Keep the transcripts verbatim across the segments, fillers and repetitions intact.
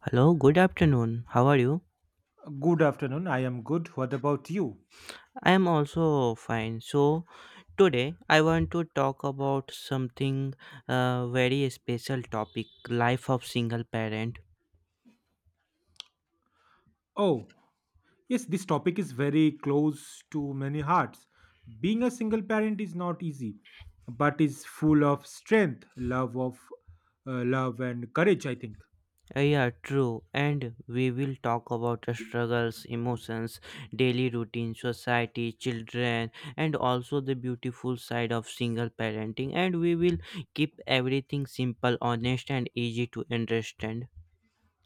Hello, good afternoon. How are you? Good afternoon. I am good. What about you? I am also fine. So, today I want to talk about something uh, very special topic, life of single parent. Oh, yes, this topic is very close to many hearts. Being a single parent is not easy, but is full of strength, love of uh, love and courage, I think. Uh, yeah, true. And we will talk about the struggles, emotions, daily routine, society, children, and also the beautiful side of single parenting. And we will keep everything simple, honest, and easy to understand.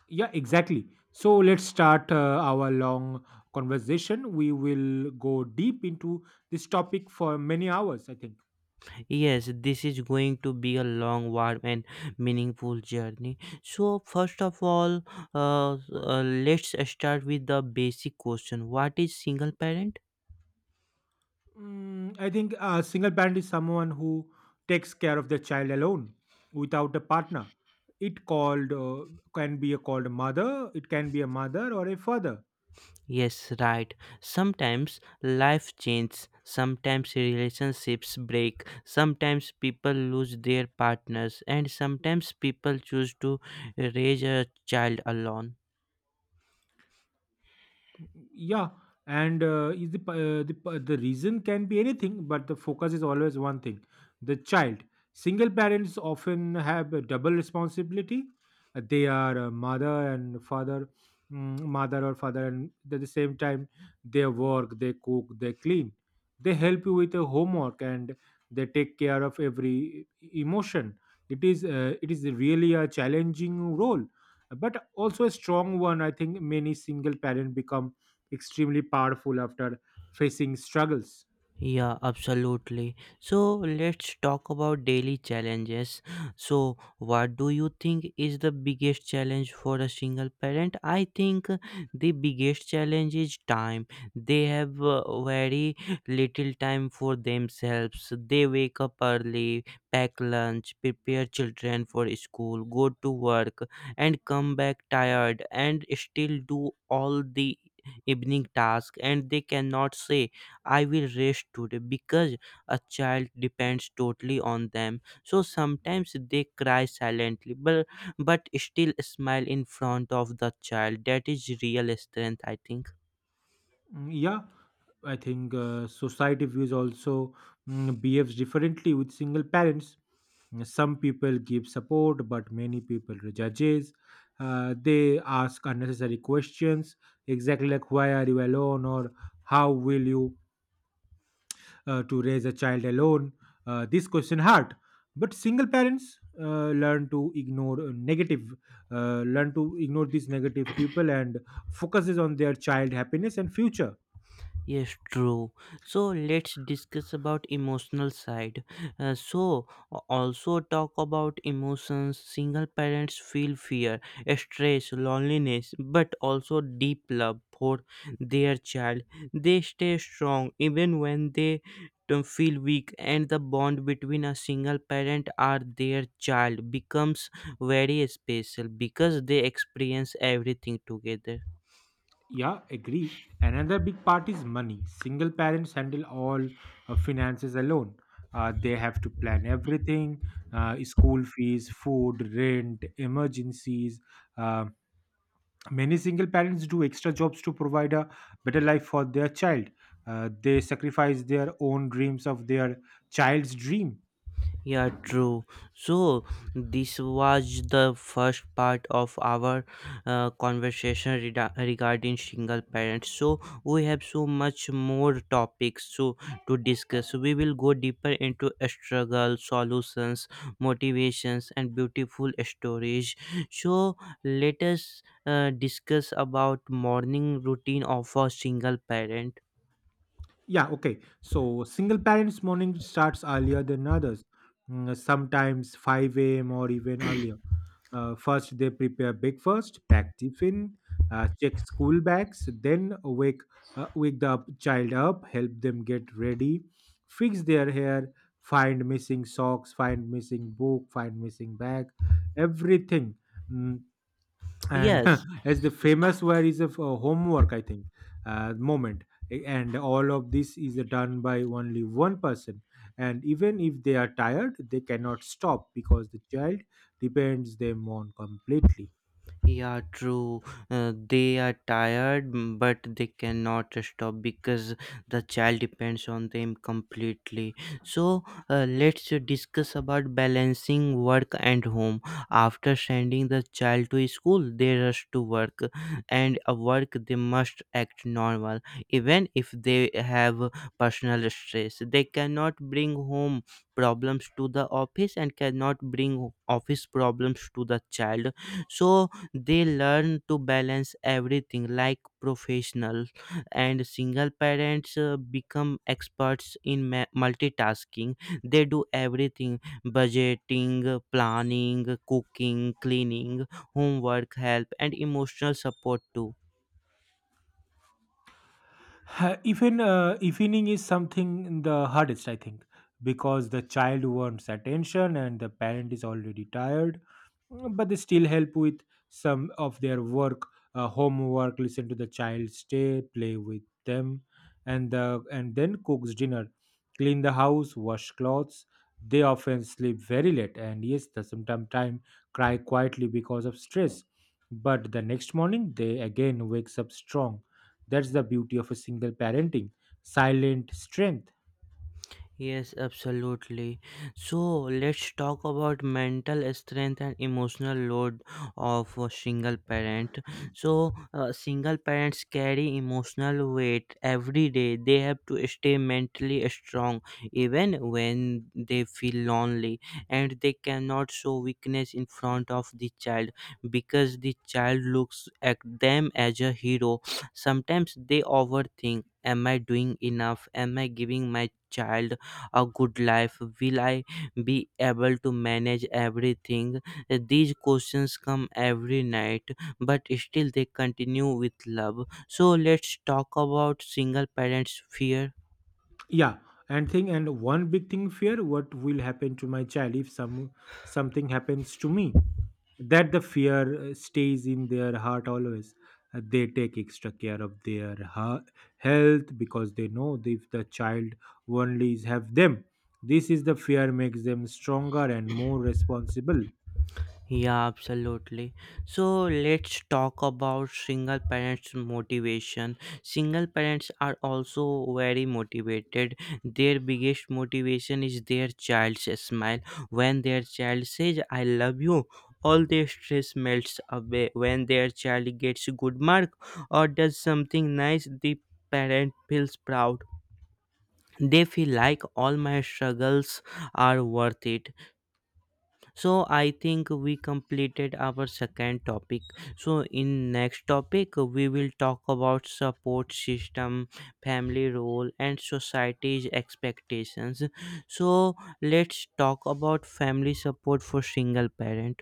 Yeah, exactly. So let's start uh, our long conversation. We will go deep into this topic for many hours, I think. Yes, this is going to be a long, warm, and meaningful journey. So, first of all, uh, uh, let's start with the basic question. What is single parent? Mm, I think a single parent is someone who takes care of their child alone without a partner. It called uh, can be a called a mother. It can be a mother or a father. Yes, right. Sometimes life changes, sometimes relationships break, sometimes people lose their partners, and sometimes people choose to raise a child alone. Yeah, and uh, is the, p- uh, the p- the reason can be anything, but the focus is always one thing: the child. Single parents often have a double responsibility. Uh, They are a mother and father, mm, mother or father, and at the same time they work, they cook, they clean, they help you with the homework, and they take care of every e- emotion. It is uh, it is really a challenging role, but also a strong one. I think many single parents become extremely powerful after facing struggles. Yeah, absolutely. So let's talk about daily challenges. So, what do you think is the biggest challenge for a single parent? I think the biggest challenge is time. They have uh, very little time for themselves. They wake up early, pack lunch, prepare children for school, go to work, and come back tired and still do all the evening task, and they cannot say I will rest today because a child depends totally on them. So sometimes they cry silently, but, but still smile in front of the child. That is real strength, I think. Mm, Yeah, I think uh, society views also mm, behaves differently with single parents. Mm, some people give support, but many people judges. Uh, they ask unnecessary questions, exactly like, why are you alone, or how will you uh, to raise a child alone? Uh, this question hard, but single parents uh, learn to ignore uh, negative, uh, learn to ignore these negative people and focuses on their child happiness and future. Yes, true. So let's discuss about emotional side. Uh, so a- also talk about emotions. Single parents feel fear, stress, loneliness, but also deep love for their child. They stay strong even when they don't feel weak, and the bond between a single parent and their child becomes very special because they experience everything together. Yeah, agree. Another big part is money. Single parents handle all uh, finances alone. Uh, they have to plan everything, uh, school fees, food, rent, emergencies, um, many single parents do extra jobs to provide a better life for their child. Uh, they sacrifice their own dreams of their child's dream. Yeah, true. So, this was the first part of our uh, conversation reda- regarding single parents. So, we have so much more topics so to discuss. So, we will go deeper into a struggle, solutions, motivations, and beautiful stories. So, let us uh, discuss about morning routine of a single parent. Yeah, okay. So single parents' morning starts earlier than others, mm, sometimes five a m or even earlier. Uh, first, they prepare breakfast, pack tiffin, uh, check school bags, then wake uh, wake the up- child up, help them get ready, fix their hair, find missing socks, find missing book, find missing bag, everything. Mm, and Yes. as the famous, where is a f- a homework, I think, uh, moment. A- and all of this is done by only one person, and even if they are tired, they cannot stop because the child depends them on completely. Yeah, true. Uh, they are tired, mm, but they cannot stop because the child depends on them completely. So, uh, let's discuss about balancing work and home. After sending the child to school, they rush to work, and at work they must act normal, even if they have personal stress. They cannot bring home problems to the office and cannot bring office problems to the child, so they learn to balance everything like professionals, and single parents uh, become experts in ma- multitasking. They do everything: budgeting, planning, cooking, cleaning, homework, help, and emotional support too. Ha- even uh, evening is something the hardest, I think, because the child wants attention and the parent is already tired. Mm, but they still help with some of their work, uh, homework, listen to the child, stay, play with them, and the, and then cooks dinner, clean the house, wash clothes. They often sleep very late, and yes, the sometimes time cry quietly because of stress, but the next morning they again wakes up strong. That's the beauty of a single parenting: silent strength. Yes, absolutely. So let's talk about mental strength and emotional load of a single parent. So, uh, single parents carry emotional weight every day. They have to stay mentally strong even when they feel lonely, and they cannot show weakness in front of the child because the child looks at them as a hero. Sometimes they overthink. Am I doing enough? Am I giving my child a good life? Will I be able to manage everything? These questions come every night, but still they continue with love. So let's talk about single parents' fear. Yeah, and thing and one big thing, fear, what will happen to my child if some something happens to me? That the fear uh, stays in their heart always. Uh, they take extra care of their ha- health because they know that if the child only is have them, this is the fear makes them stronger and more responsible. Yeah, absolutely. So let's talk about single parents' motivation. Single parents are also very motivated. Their biggest motivation is their child's smile. When their child says, I love you, all their stress melts away. When their child gets a good mark or does something nice, the parent feels proud. They feel like all my struggles are worth it. So I think we completed our second topic. So in next topic we will talk about support system, family role, and society's expectations. So let's talk about family support for single parent.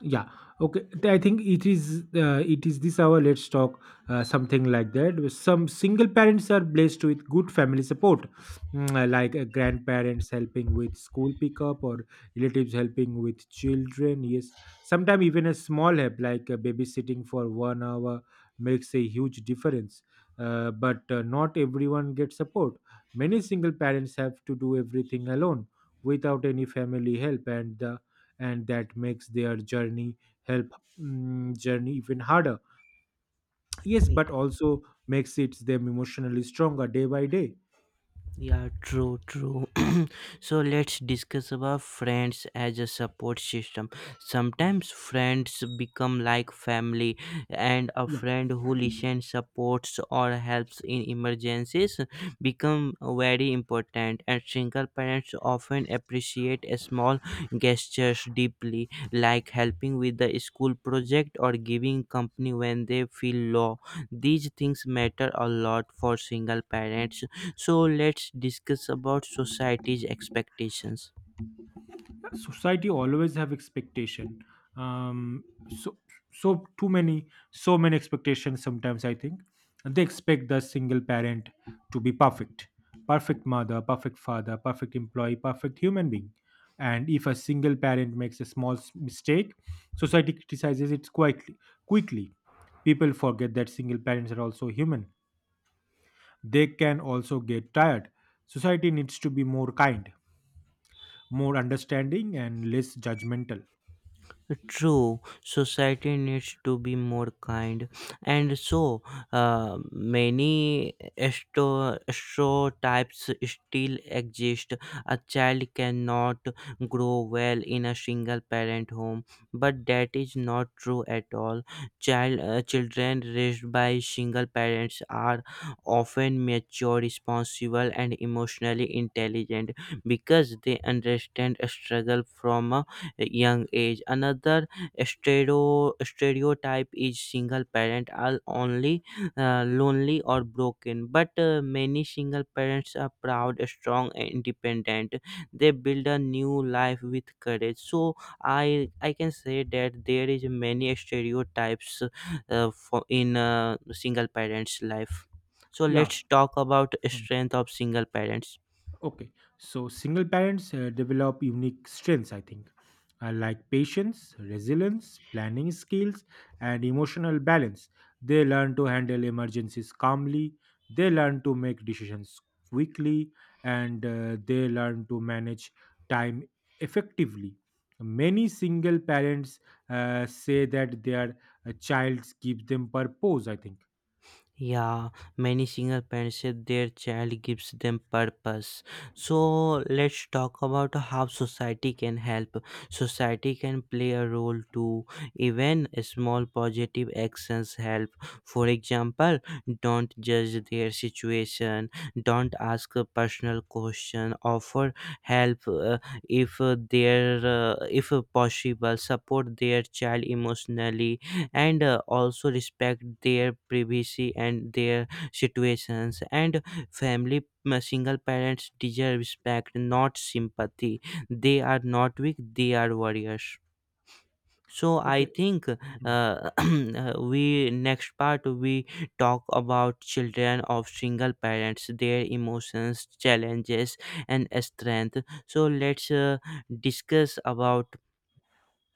Yeah, okay. Th- I think it is uh, it is this hour. Let's talk uh, something like that. Some single parents are blessed with good family support, mm, uh, like uh, grandparents helping with school pickup or relatives helping with children. Yes, sometimes even a small help, like uh, babysitting for one hour, makes a huge difference. Uh, but uh, not everyone gets support. Many single parents have to do everything alone without any family help, and the and that makes their journey help mm, journey even harder. Yes, but also makes it them emotionally stronger day by day. Yeah, true, true. So let's discuss about friends as a support system. Sometimes friends become like family, and a friend who listens, supports, or helps in emergencies become very important. And single parents often appreciate a small gestures deeply, like helping with the school project or giving company when they feel low. These things matter a lot for single parents. So let's discuss about society's expectations. Society always have expectation. Um so so too many, so many expectations sometimes, I think. They expect the single parent to be perfect: perfect mother, perfect father, perfect employee, perfect human being. And if a single parent makes a small s- mistake, society criticizes it quietly quickly People forget that single parents are also human, they can also get tired. Society needs to be more kind, more understanding, and less judgmental. True, society needs to be more kind, and so uh, many sto- stereotypes still exist. A child cannot grow well in a single parent home, but that is not true at all. Child, uh, children raised by single parents are often mature, responsible, and emotionally intelligent because they understand a struggle from a young age. Another stereo, stereotype is single parent are only uh, lonely or broken, but uh, many single parents are proud, strong, and independent. They build a new life with courage. So I I can say that there is many stereotypes uh, for in uh, single parents' life. So Yeah. let's talk about Mm. strength of single parents. Okay. So single parents uh, develop unique strengths, I think, uh, like patience, resilience, planning skills, and emotional balance. They learn to handle emergencies calmly, they learn to make decisions quickly, and uh, they learn to manage time effectively. Many single parents uh, say that their uh, childs give them purpose, I think. Yeah, many single parents say their child gives them purpose. So let's talk about how society can help. Society can play a role too. Even small positive actions help. For example, don't judge their situation, don't ask a personal question, offer help uh, if uh, there uh, if possible, support their child emotionally, and uh, also respect their privacy and their situations and family. Uh, single parents deserve respect, not sympathy. They are not weak, they are warriors. So I Okay. think uh, we next part we talk about children of single parents, their emotions, challenges, and strength. So let's uh, discuss about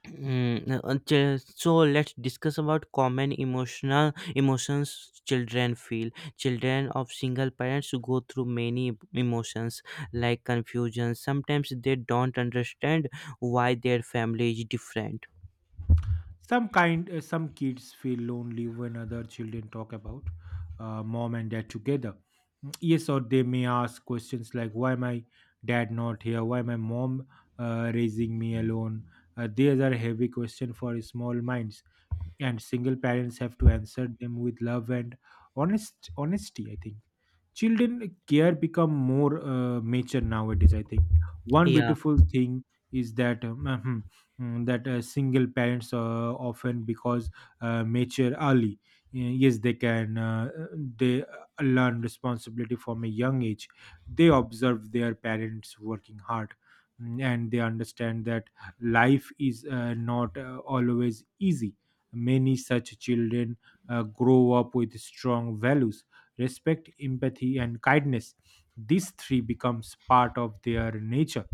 Mm, uh, chil- so let's discuss about common emotional emotions children feel. Children of single parents go through many emotions, like confusion. Sometimes they don't understand why their family is different. some kind uh, some kids feel lonely when other children talk about uh, mom and dad together. Mm, yes, or they may ask questions like, why my dad not here, why my mom uh, raising me alone? Uh, these are heavy questions for small minds, and single parents have to answer them with love and honest honesty, I think. Children uh, care become more uh, mature nowadays, I think. One Yeah. beautiful thing is that um, mm, that uh, single parents uh, often because uh, mature early. Uh, Yes, they can. Uh, uh, they uh, learn responsibility from a young age. They observe their parents working hard, mm, and they understand that life is uh, not uh, always easy. Many such children uh, grow up with strong values: respect, empathy, and kindness. These three becomes part of their nature.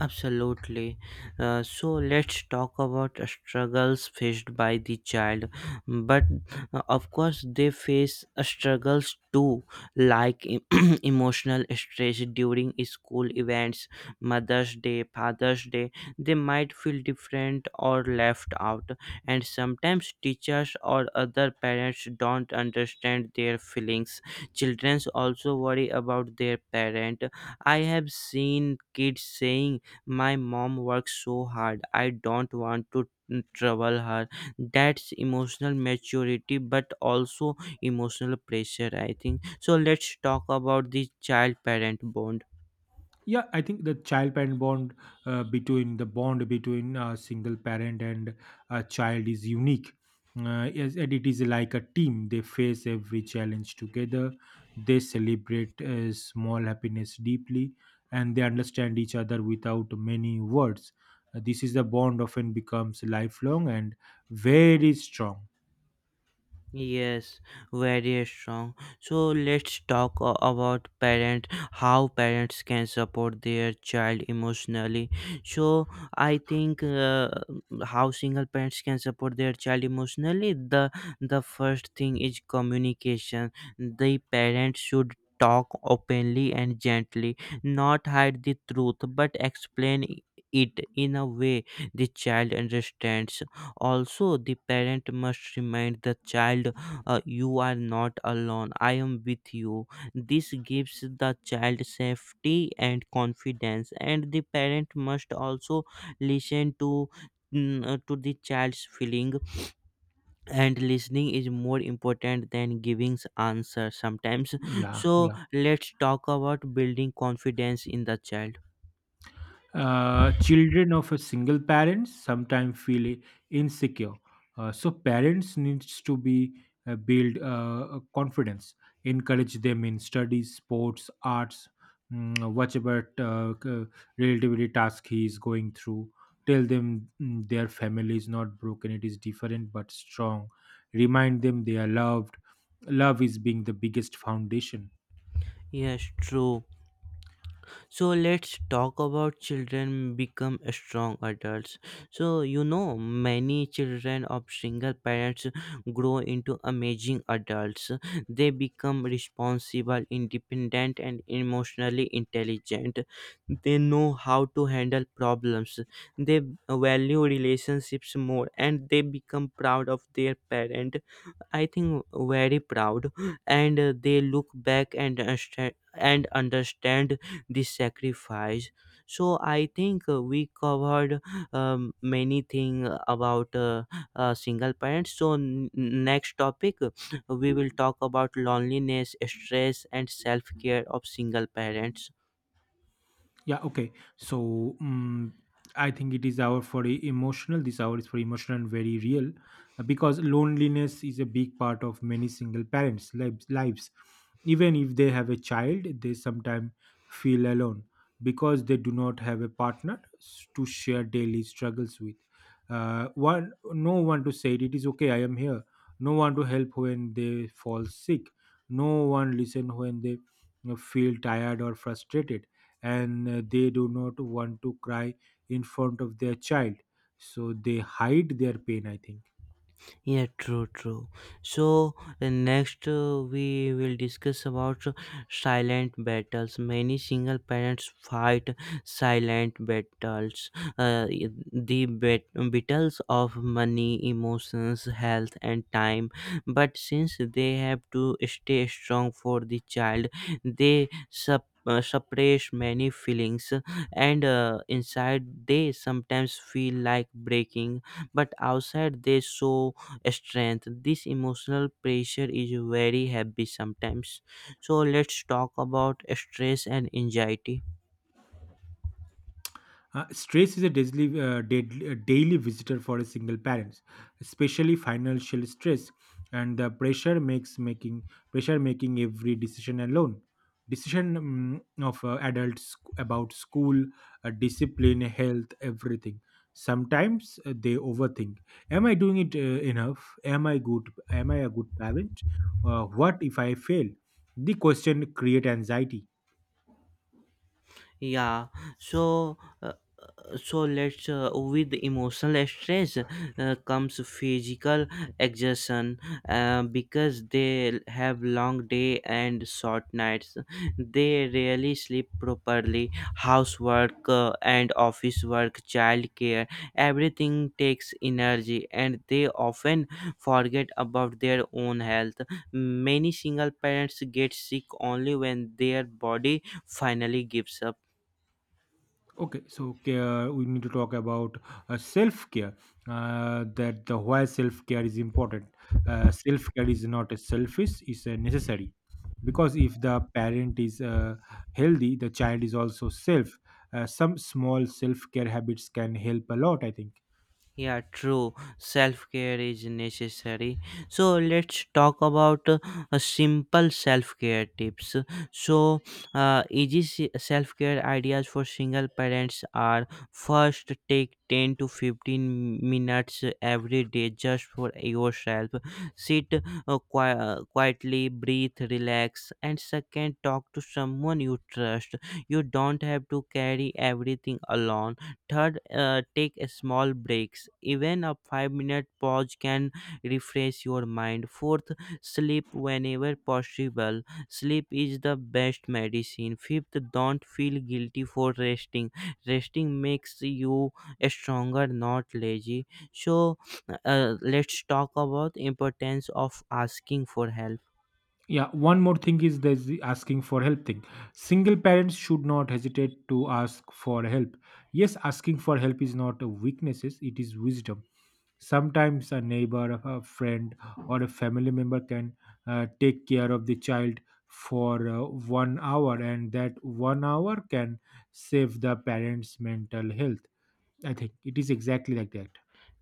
Absolutely. Uh, so let's talk about struggles faced by the child. But uh, of course, they face struggles too, like em- emotional stress during school events, Mother's Day, Father's Day. They might feel different or left out, and sometimes teachers or other parents don't understand their feelings. Children also worry about their parent. I have seen kids saying my mom works so hard. I don't want to trouble her. That's emotional maturity, but also emotional pressure, I think. So let's talk about the child parent bond. Yeah, I think the child parent bond, uh, between the bond between a single parent and a child is unique. Uh, yes, and it is like a team. They face every challenge together, they celebrate uh, small happiness deeply, and they understand each other without many words. Uh, this is the bond often becomes lifelong and very strong. Yes, very strong. So let's talk a- about parent how parents can support their child emotionally. So I think uh, how single parents can support their child emotionally. The the first thing is communication. The parent should talk openly and gently, not hide the truth, but explain it in a way the child understands. Also, the parent must remind the child, uh, you are not alone, I am with you. This gives the child safety and confidence, and the parent must also listen to mm, uh, to the child's feeling, and listening is more important than giving answer sometimes. Yeah, So yeah. let's talk about building confidence in the child. Uh, children of a single parent sometimes feel i- insecure. Uh, so parents needs to be uh, build uh, confidence, encourage them in studies, sports, arts, mm, whatever uh, c- relativity task he is going through. Tell them, mm, their family is not broken; it is different but strong. Remind them they are loved. Love is being the biggest foundation. Yes, true. So let's talk about children become strong adults. So you know many children of single parents grow into amazing adults. They become responsible, independent, and emotionally intelligent. They know how to handle problems, they value relationships more, and they become proud of their parent. I think very proud, and uh, they look back and understand and understand the sacrifice. So I think uh, we covered um, many thing about uh, uh, single parents. So n- next topic, uh, we will talk about loneliness, stress, and self care of single parents. Yeah, okay. So, um, I think it is our for e- emotional. This hour is for emotional and very real, uh, because loneliness is a big part of many single parents' lives. lives. Even if they have a child, they sometimes feel alone because they do not have a partner s- to share daily struggles with. Uh, one, no one to say it, it is okay, I am here. No one to help when they fall sick. No one listen when they, you know, feel tired or frustrated, and uh, they do not want to cry in front of their child, so they hide their pain, I think. Yeah, true, true. So uh, next uh, we will discuss about uh, silent battles. Many single parents fight silent battles. Uh, i- the bat- battles of money, emotions, health, and time. But since they have to stay strong for the child, they sup- uh, suppress many feelings, and uh, inside they sometimes feel like breaking, but outside they show strength. This emotional pressure is very heavy sometimes. So let's talk about stress and anxiety. Uh, stress is a daily, uh, deadly- uh, daily visitor for a single parents, especially financial stress, and the pressure makes making pressure making every decision alone. Decision um, of uh, adults about school, uh, discipline, health, everything. Sometimes uh, they overthink. Am I doing it uh, enough? Am I good? Am I a good parent? Uh, what if I fail? The question create anxiety. Yeah. So uh, so let's uh, with emotional stress uh, comes physical exhaustion, uh, because they have long day and short nights. They rarely sleep properly. Housework uh, and office work, childcare, everything takes energy, and they often forget about their own health. Many single parents get sick only when their body finally gives up. Okay, so care, we need to talk about uh, self care. Uh, that the why self care is important. Uh, self care is not a selfish; it's a necessary. Because if the parent is uh, healthy, the child is also self. Uh, some small self care habits can help a lot, I think. Yeah, true. Self care is necessary. So let's talk about uh, a simple self care tips. So, uh, easy self care ideas for single parents are: first, take ten to fifteen minutes every day just for yourself. Sit uh, qui- uh, quietly, breathe, relax, and second, talk to someone you trust. You don't have to carry everything alone. Third, uh, take a small breaks. Even a five minute pause can refresh your mind. Fourth, sleep whenever possible. Sleep is the best medicine. Fifth, don't feel guilty for resting. Resting makes you stronger, not lazy. So, uh, let's talk about importance of asking for help. Yeah, one more thing is there's the asking for help thing. Single parents should not hesitate to ask for help. Yes, asking for help is not a weakness, it is wisdom. Sometimes a neighbor, a friend, or a family member can uh, take care of the child for uh, one hour, and that one hour can save the parents' mental health. I think it is exactly like that.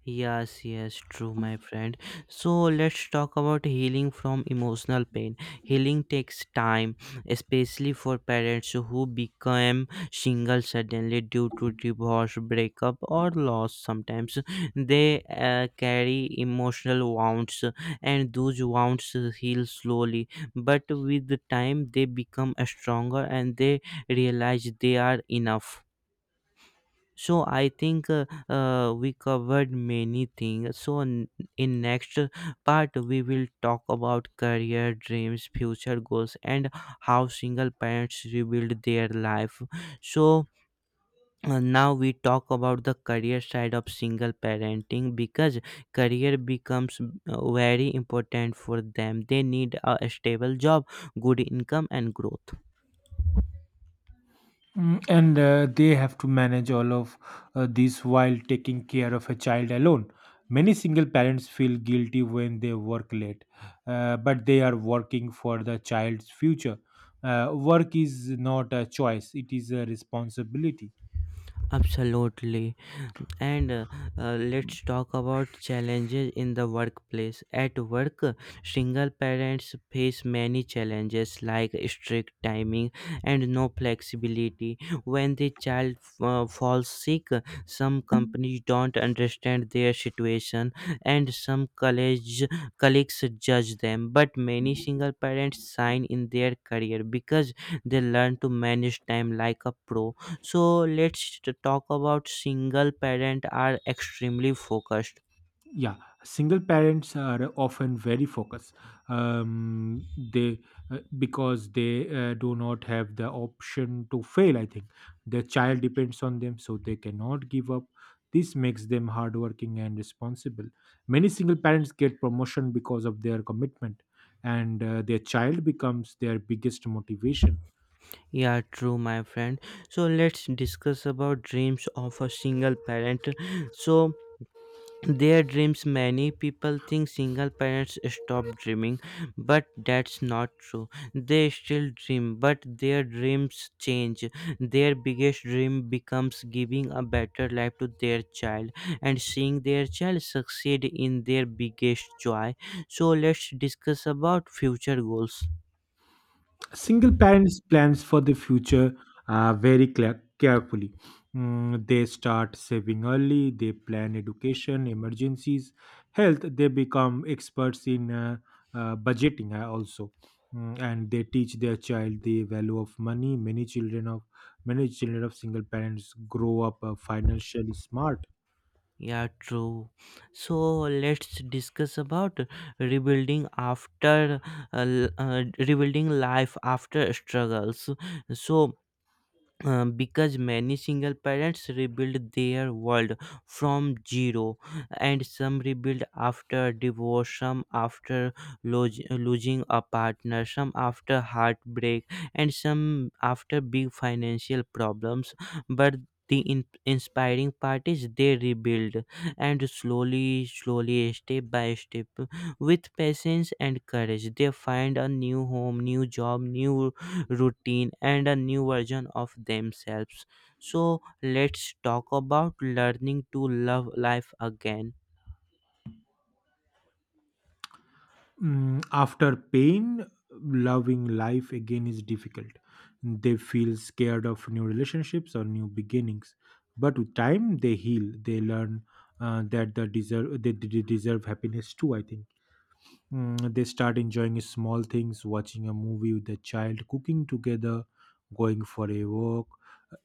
Yes, yes, true, my friend. So let's talk about healing from emotional pain. Healing takes time, especially for parents who become single suddenly due to divorce, breakup, or loss. Sometimes they uh, carry emotional wounds, and those wounds heal slowly. But with the time, they become stronger and they realize they are enough. So I think uh, uh, we covered many things. So n- in next part we will talk about career dreams, future goals, and how single parents rebuild their life. So uh, now we talk about the career side of single parenting because career becomes uh, very important for them. They need a stable job, good income, and growth. Mm, and uh, they have to manage all of uh, this while taking care of a child alone. Many single parents feel guilty when they work late, uh, but they are working for the child's future. Uh, work is not a choice, it is a responsibility. Absolutely. And uh, uh, let's talk about challenges in the workplace. At work, single parents face many challenges like strict timing and no flexibility. When the child uh, falls sick, some companies don't understand their situation and some college, colleagues judge them. But many single parents shine in their career because they learn to manage time like a pro. So let's t- talk about single parent are extremely focused. Yeah, single parents are often very focused. Um, they uh, Because they uh, do not have the option to fail, I think. Their child depends on them, so they cannot give up. This makes them hardworking and responsible. Many single parents get promotion because of their commitment, and uh, their child becomes their biggest motivation. Yeah, true, my friend. So let's discuss about dreams of a single parent. So their dreams, many people think single parents stop dreaming, but that's not true. They still dream, but their dreams change. Their biggest dream becomes giving a better life to their child and seeing their child succeed in their biggest joy. So let's discuss about future goals. Single parents plans for the future uh, very clear, carefully. Mm, they start saving early, they plan education, emergencies, health. They become experts in uh, uh, budgeting uh, also. Mm, and they teach their child the value of money. Many children of many children of single parents grow up uh, financially smart. Yeah, true. So let's discuss about rebuilding after uh, l- uh, rebuilding life after struggles. So um, because many single parents rebuild their world from zero, and some rebuild after divorce, some after lose, losing a partner, some after heartbreak, and some after big financial problems. But the in- inspiring part is they rebuild, and slowly slowly, step by step, with patience and courage, they find a new home, new job, new routine, and a new version of themselves. So let's talk about learning to love life again. Mm, after pain, loving life again is difficult. They feel scared of new relationships or new beginnings. But with time, they heal. They learn uh, that they deserve they, they deserve happiness too, I think. Mm, they start enjoying small things: watching a movie with a child, cooking together, going for a walk.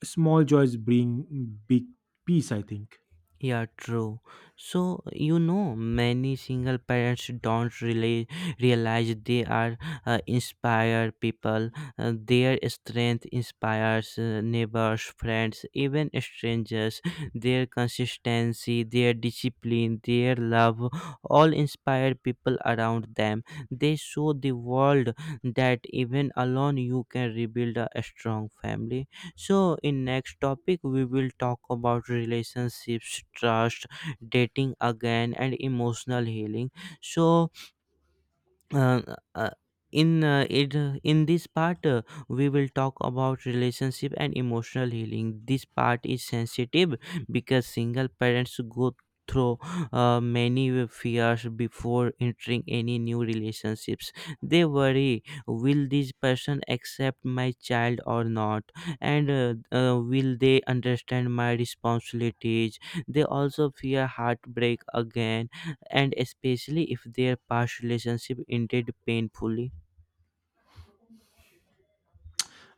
Small joys bring big peace, I think. Yeah, true. So, you know, many single parents don't really realize they are uh, inspire people. Uh, their strength inspires uh, neighbors, friends, even strangers. Their consistency, their discipline, their love all inspire people around them. They show the world that even alone you can rebuild a strong family. So in next topic we will talk about relationships, trust, dating again, and emotional healing. So uh, uh, in uh, it uh, in this part, uh, we will talk about relationship and emotional healing. This part is sensitive because single parents go through uh, many fears before entering any new relationships. They worry, will this person accept my child or not, and uh, uh, will they understand my responsibilities. They also fear heartbreak again, and especially if their past relationship ended painfully.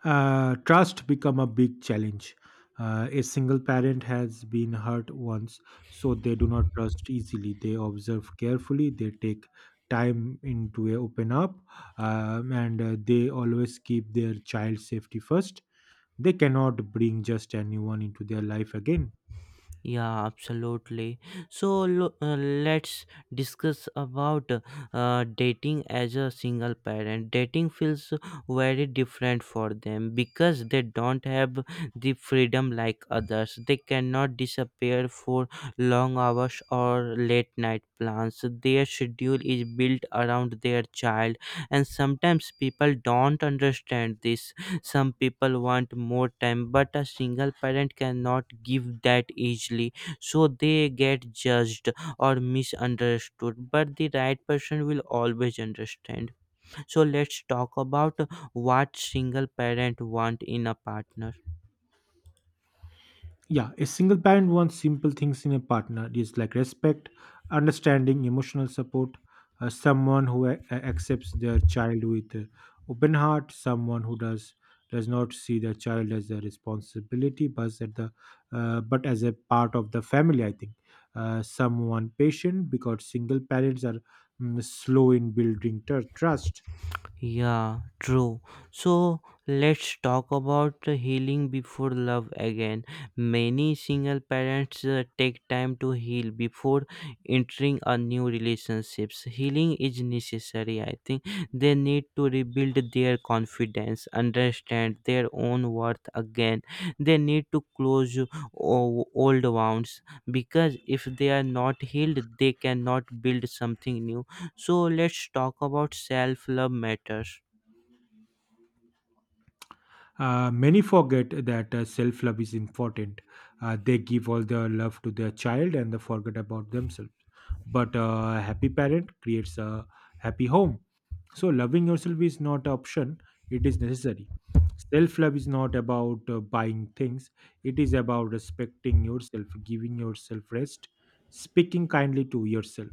Uh, trust become a big challenge. Uh, a single parent has been hurt once, so they do not trust easily. They observe carefully. They take time into a open up, um, and uh, they always keep their child safety first. They cannot bring just anyone into their life again. Yeah, absolutely. So lo- uh, let's discuss about uh, dating as a single parent. Dating feels very different for them because they don't have the freedom like others. They cannot disappear for long hours or late night plans. Their schedule is built around their child, and sometimes people don't understand this. Some people want more time, but a single parent cannot give that easily, so they get judged or misunderstood. But the right person will always understand. So let's talk about what single parent want in a partner. Yeah, a single parent wants simple things in a partner. It is like respect, understanding, emotional support, uh, someone who a- a- accepts their child with uh, open heart, someone who does does not see their child as a responsibility, but as the uh, but as a part of the family, I think. Uh, someone patient because single parents are, mm, slow in building tr- trust. Yeah, true. So let's talk about the healing before love again. Many single parents uh, take time to heal before entering a new relationships. Healing is necessary, I think. They need to rebuild their confidence, understand their own worth again. They need to close o- old wounds, because if they are not healed, they cannot build something new. So let's talk about self love matters. Uh, many forget that uh, self love is important. Uh, they give all their love to their child and they forget about themselves. But uh, a happy parent creates a happy home. So, loving yourself is not an option, it is necessary. Self love is not about uh, buying things, it is about respecting yourself, giving yourself rest, speaking kindly to yourself.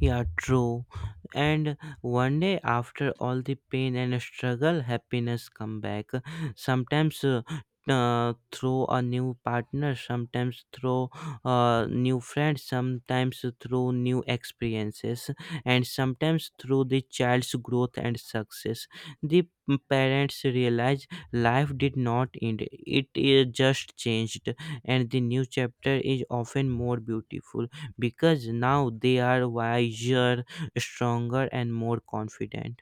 Yeah, true. And one day, after all the pain and struggle, happiness come back. Sometimes uh, uh, through a new partner, sometimes through uh, new friends, sometimes through new experiences, and sometimes through the child's growth and success. The parents realize life did not end; it is just changed, and the new chapter is often more beautiful because now they are wiser, stronger, and more confident.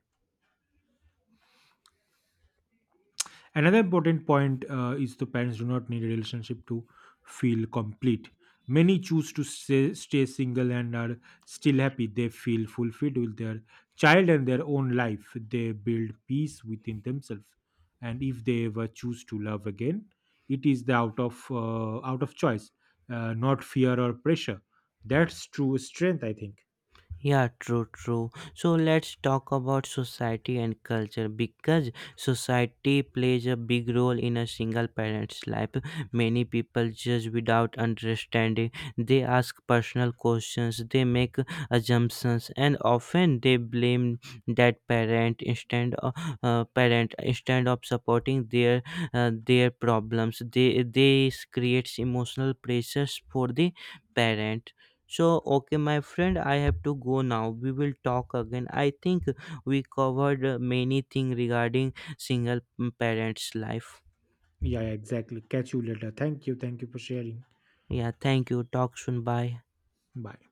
Another important point, uh, is the parents do not need a relationship to feel complete. Many choose to stay, stay single and are still happy. They feel fulfilled with their child and their own life. They build peace within themselves. And if they ever choose to love again, it is the out of uh, out of choice, uh, not fear or pressure. That's true strength, I think. Yeah, true, true. So let's talk about society and culture because society plays a big role in a single parent's life. Many people judge without understanding. They ask personal questions, they make assumptions, and often they blame that parent instead of uh, parent instead of supporting their uh, their problems. They they creates emotional pressures for the parent. So, okay, my friend, I have to go now. We will talk again. I think we covered uh, many things regarding single mm, parents' life. Yeah, yeah, exactly. Catch you later. Thank you. Thank you for sharing. Yeah, thank you. Talk soon. Bye. Bye.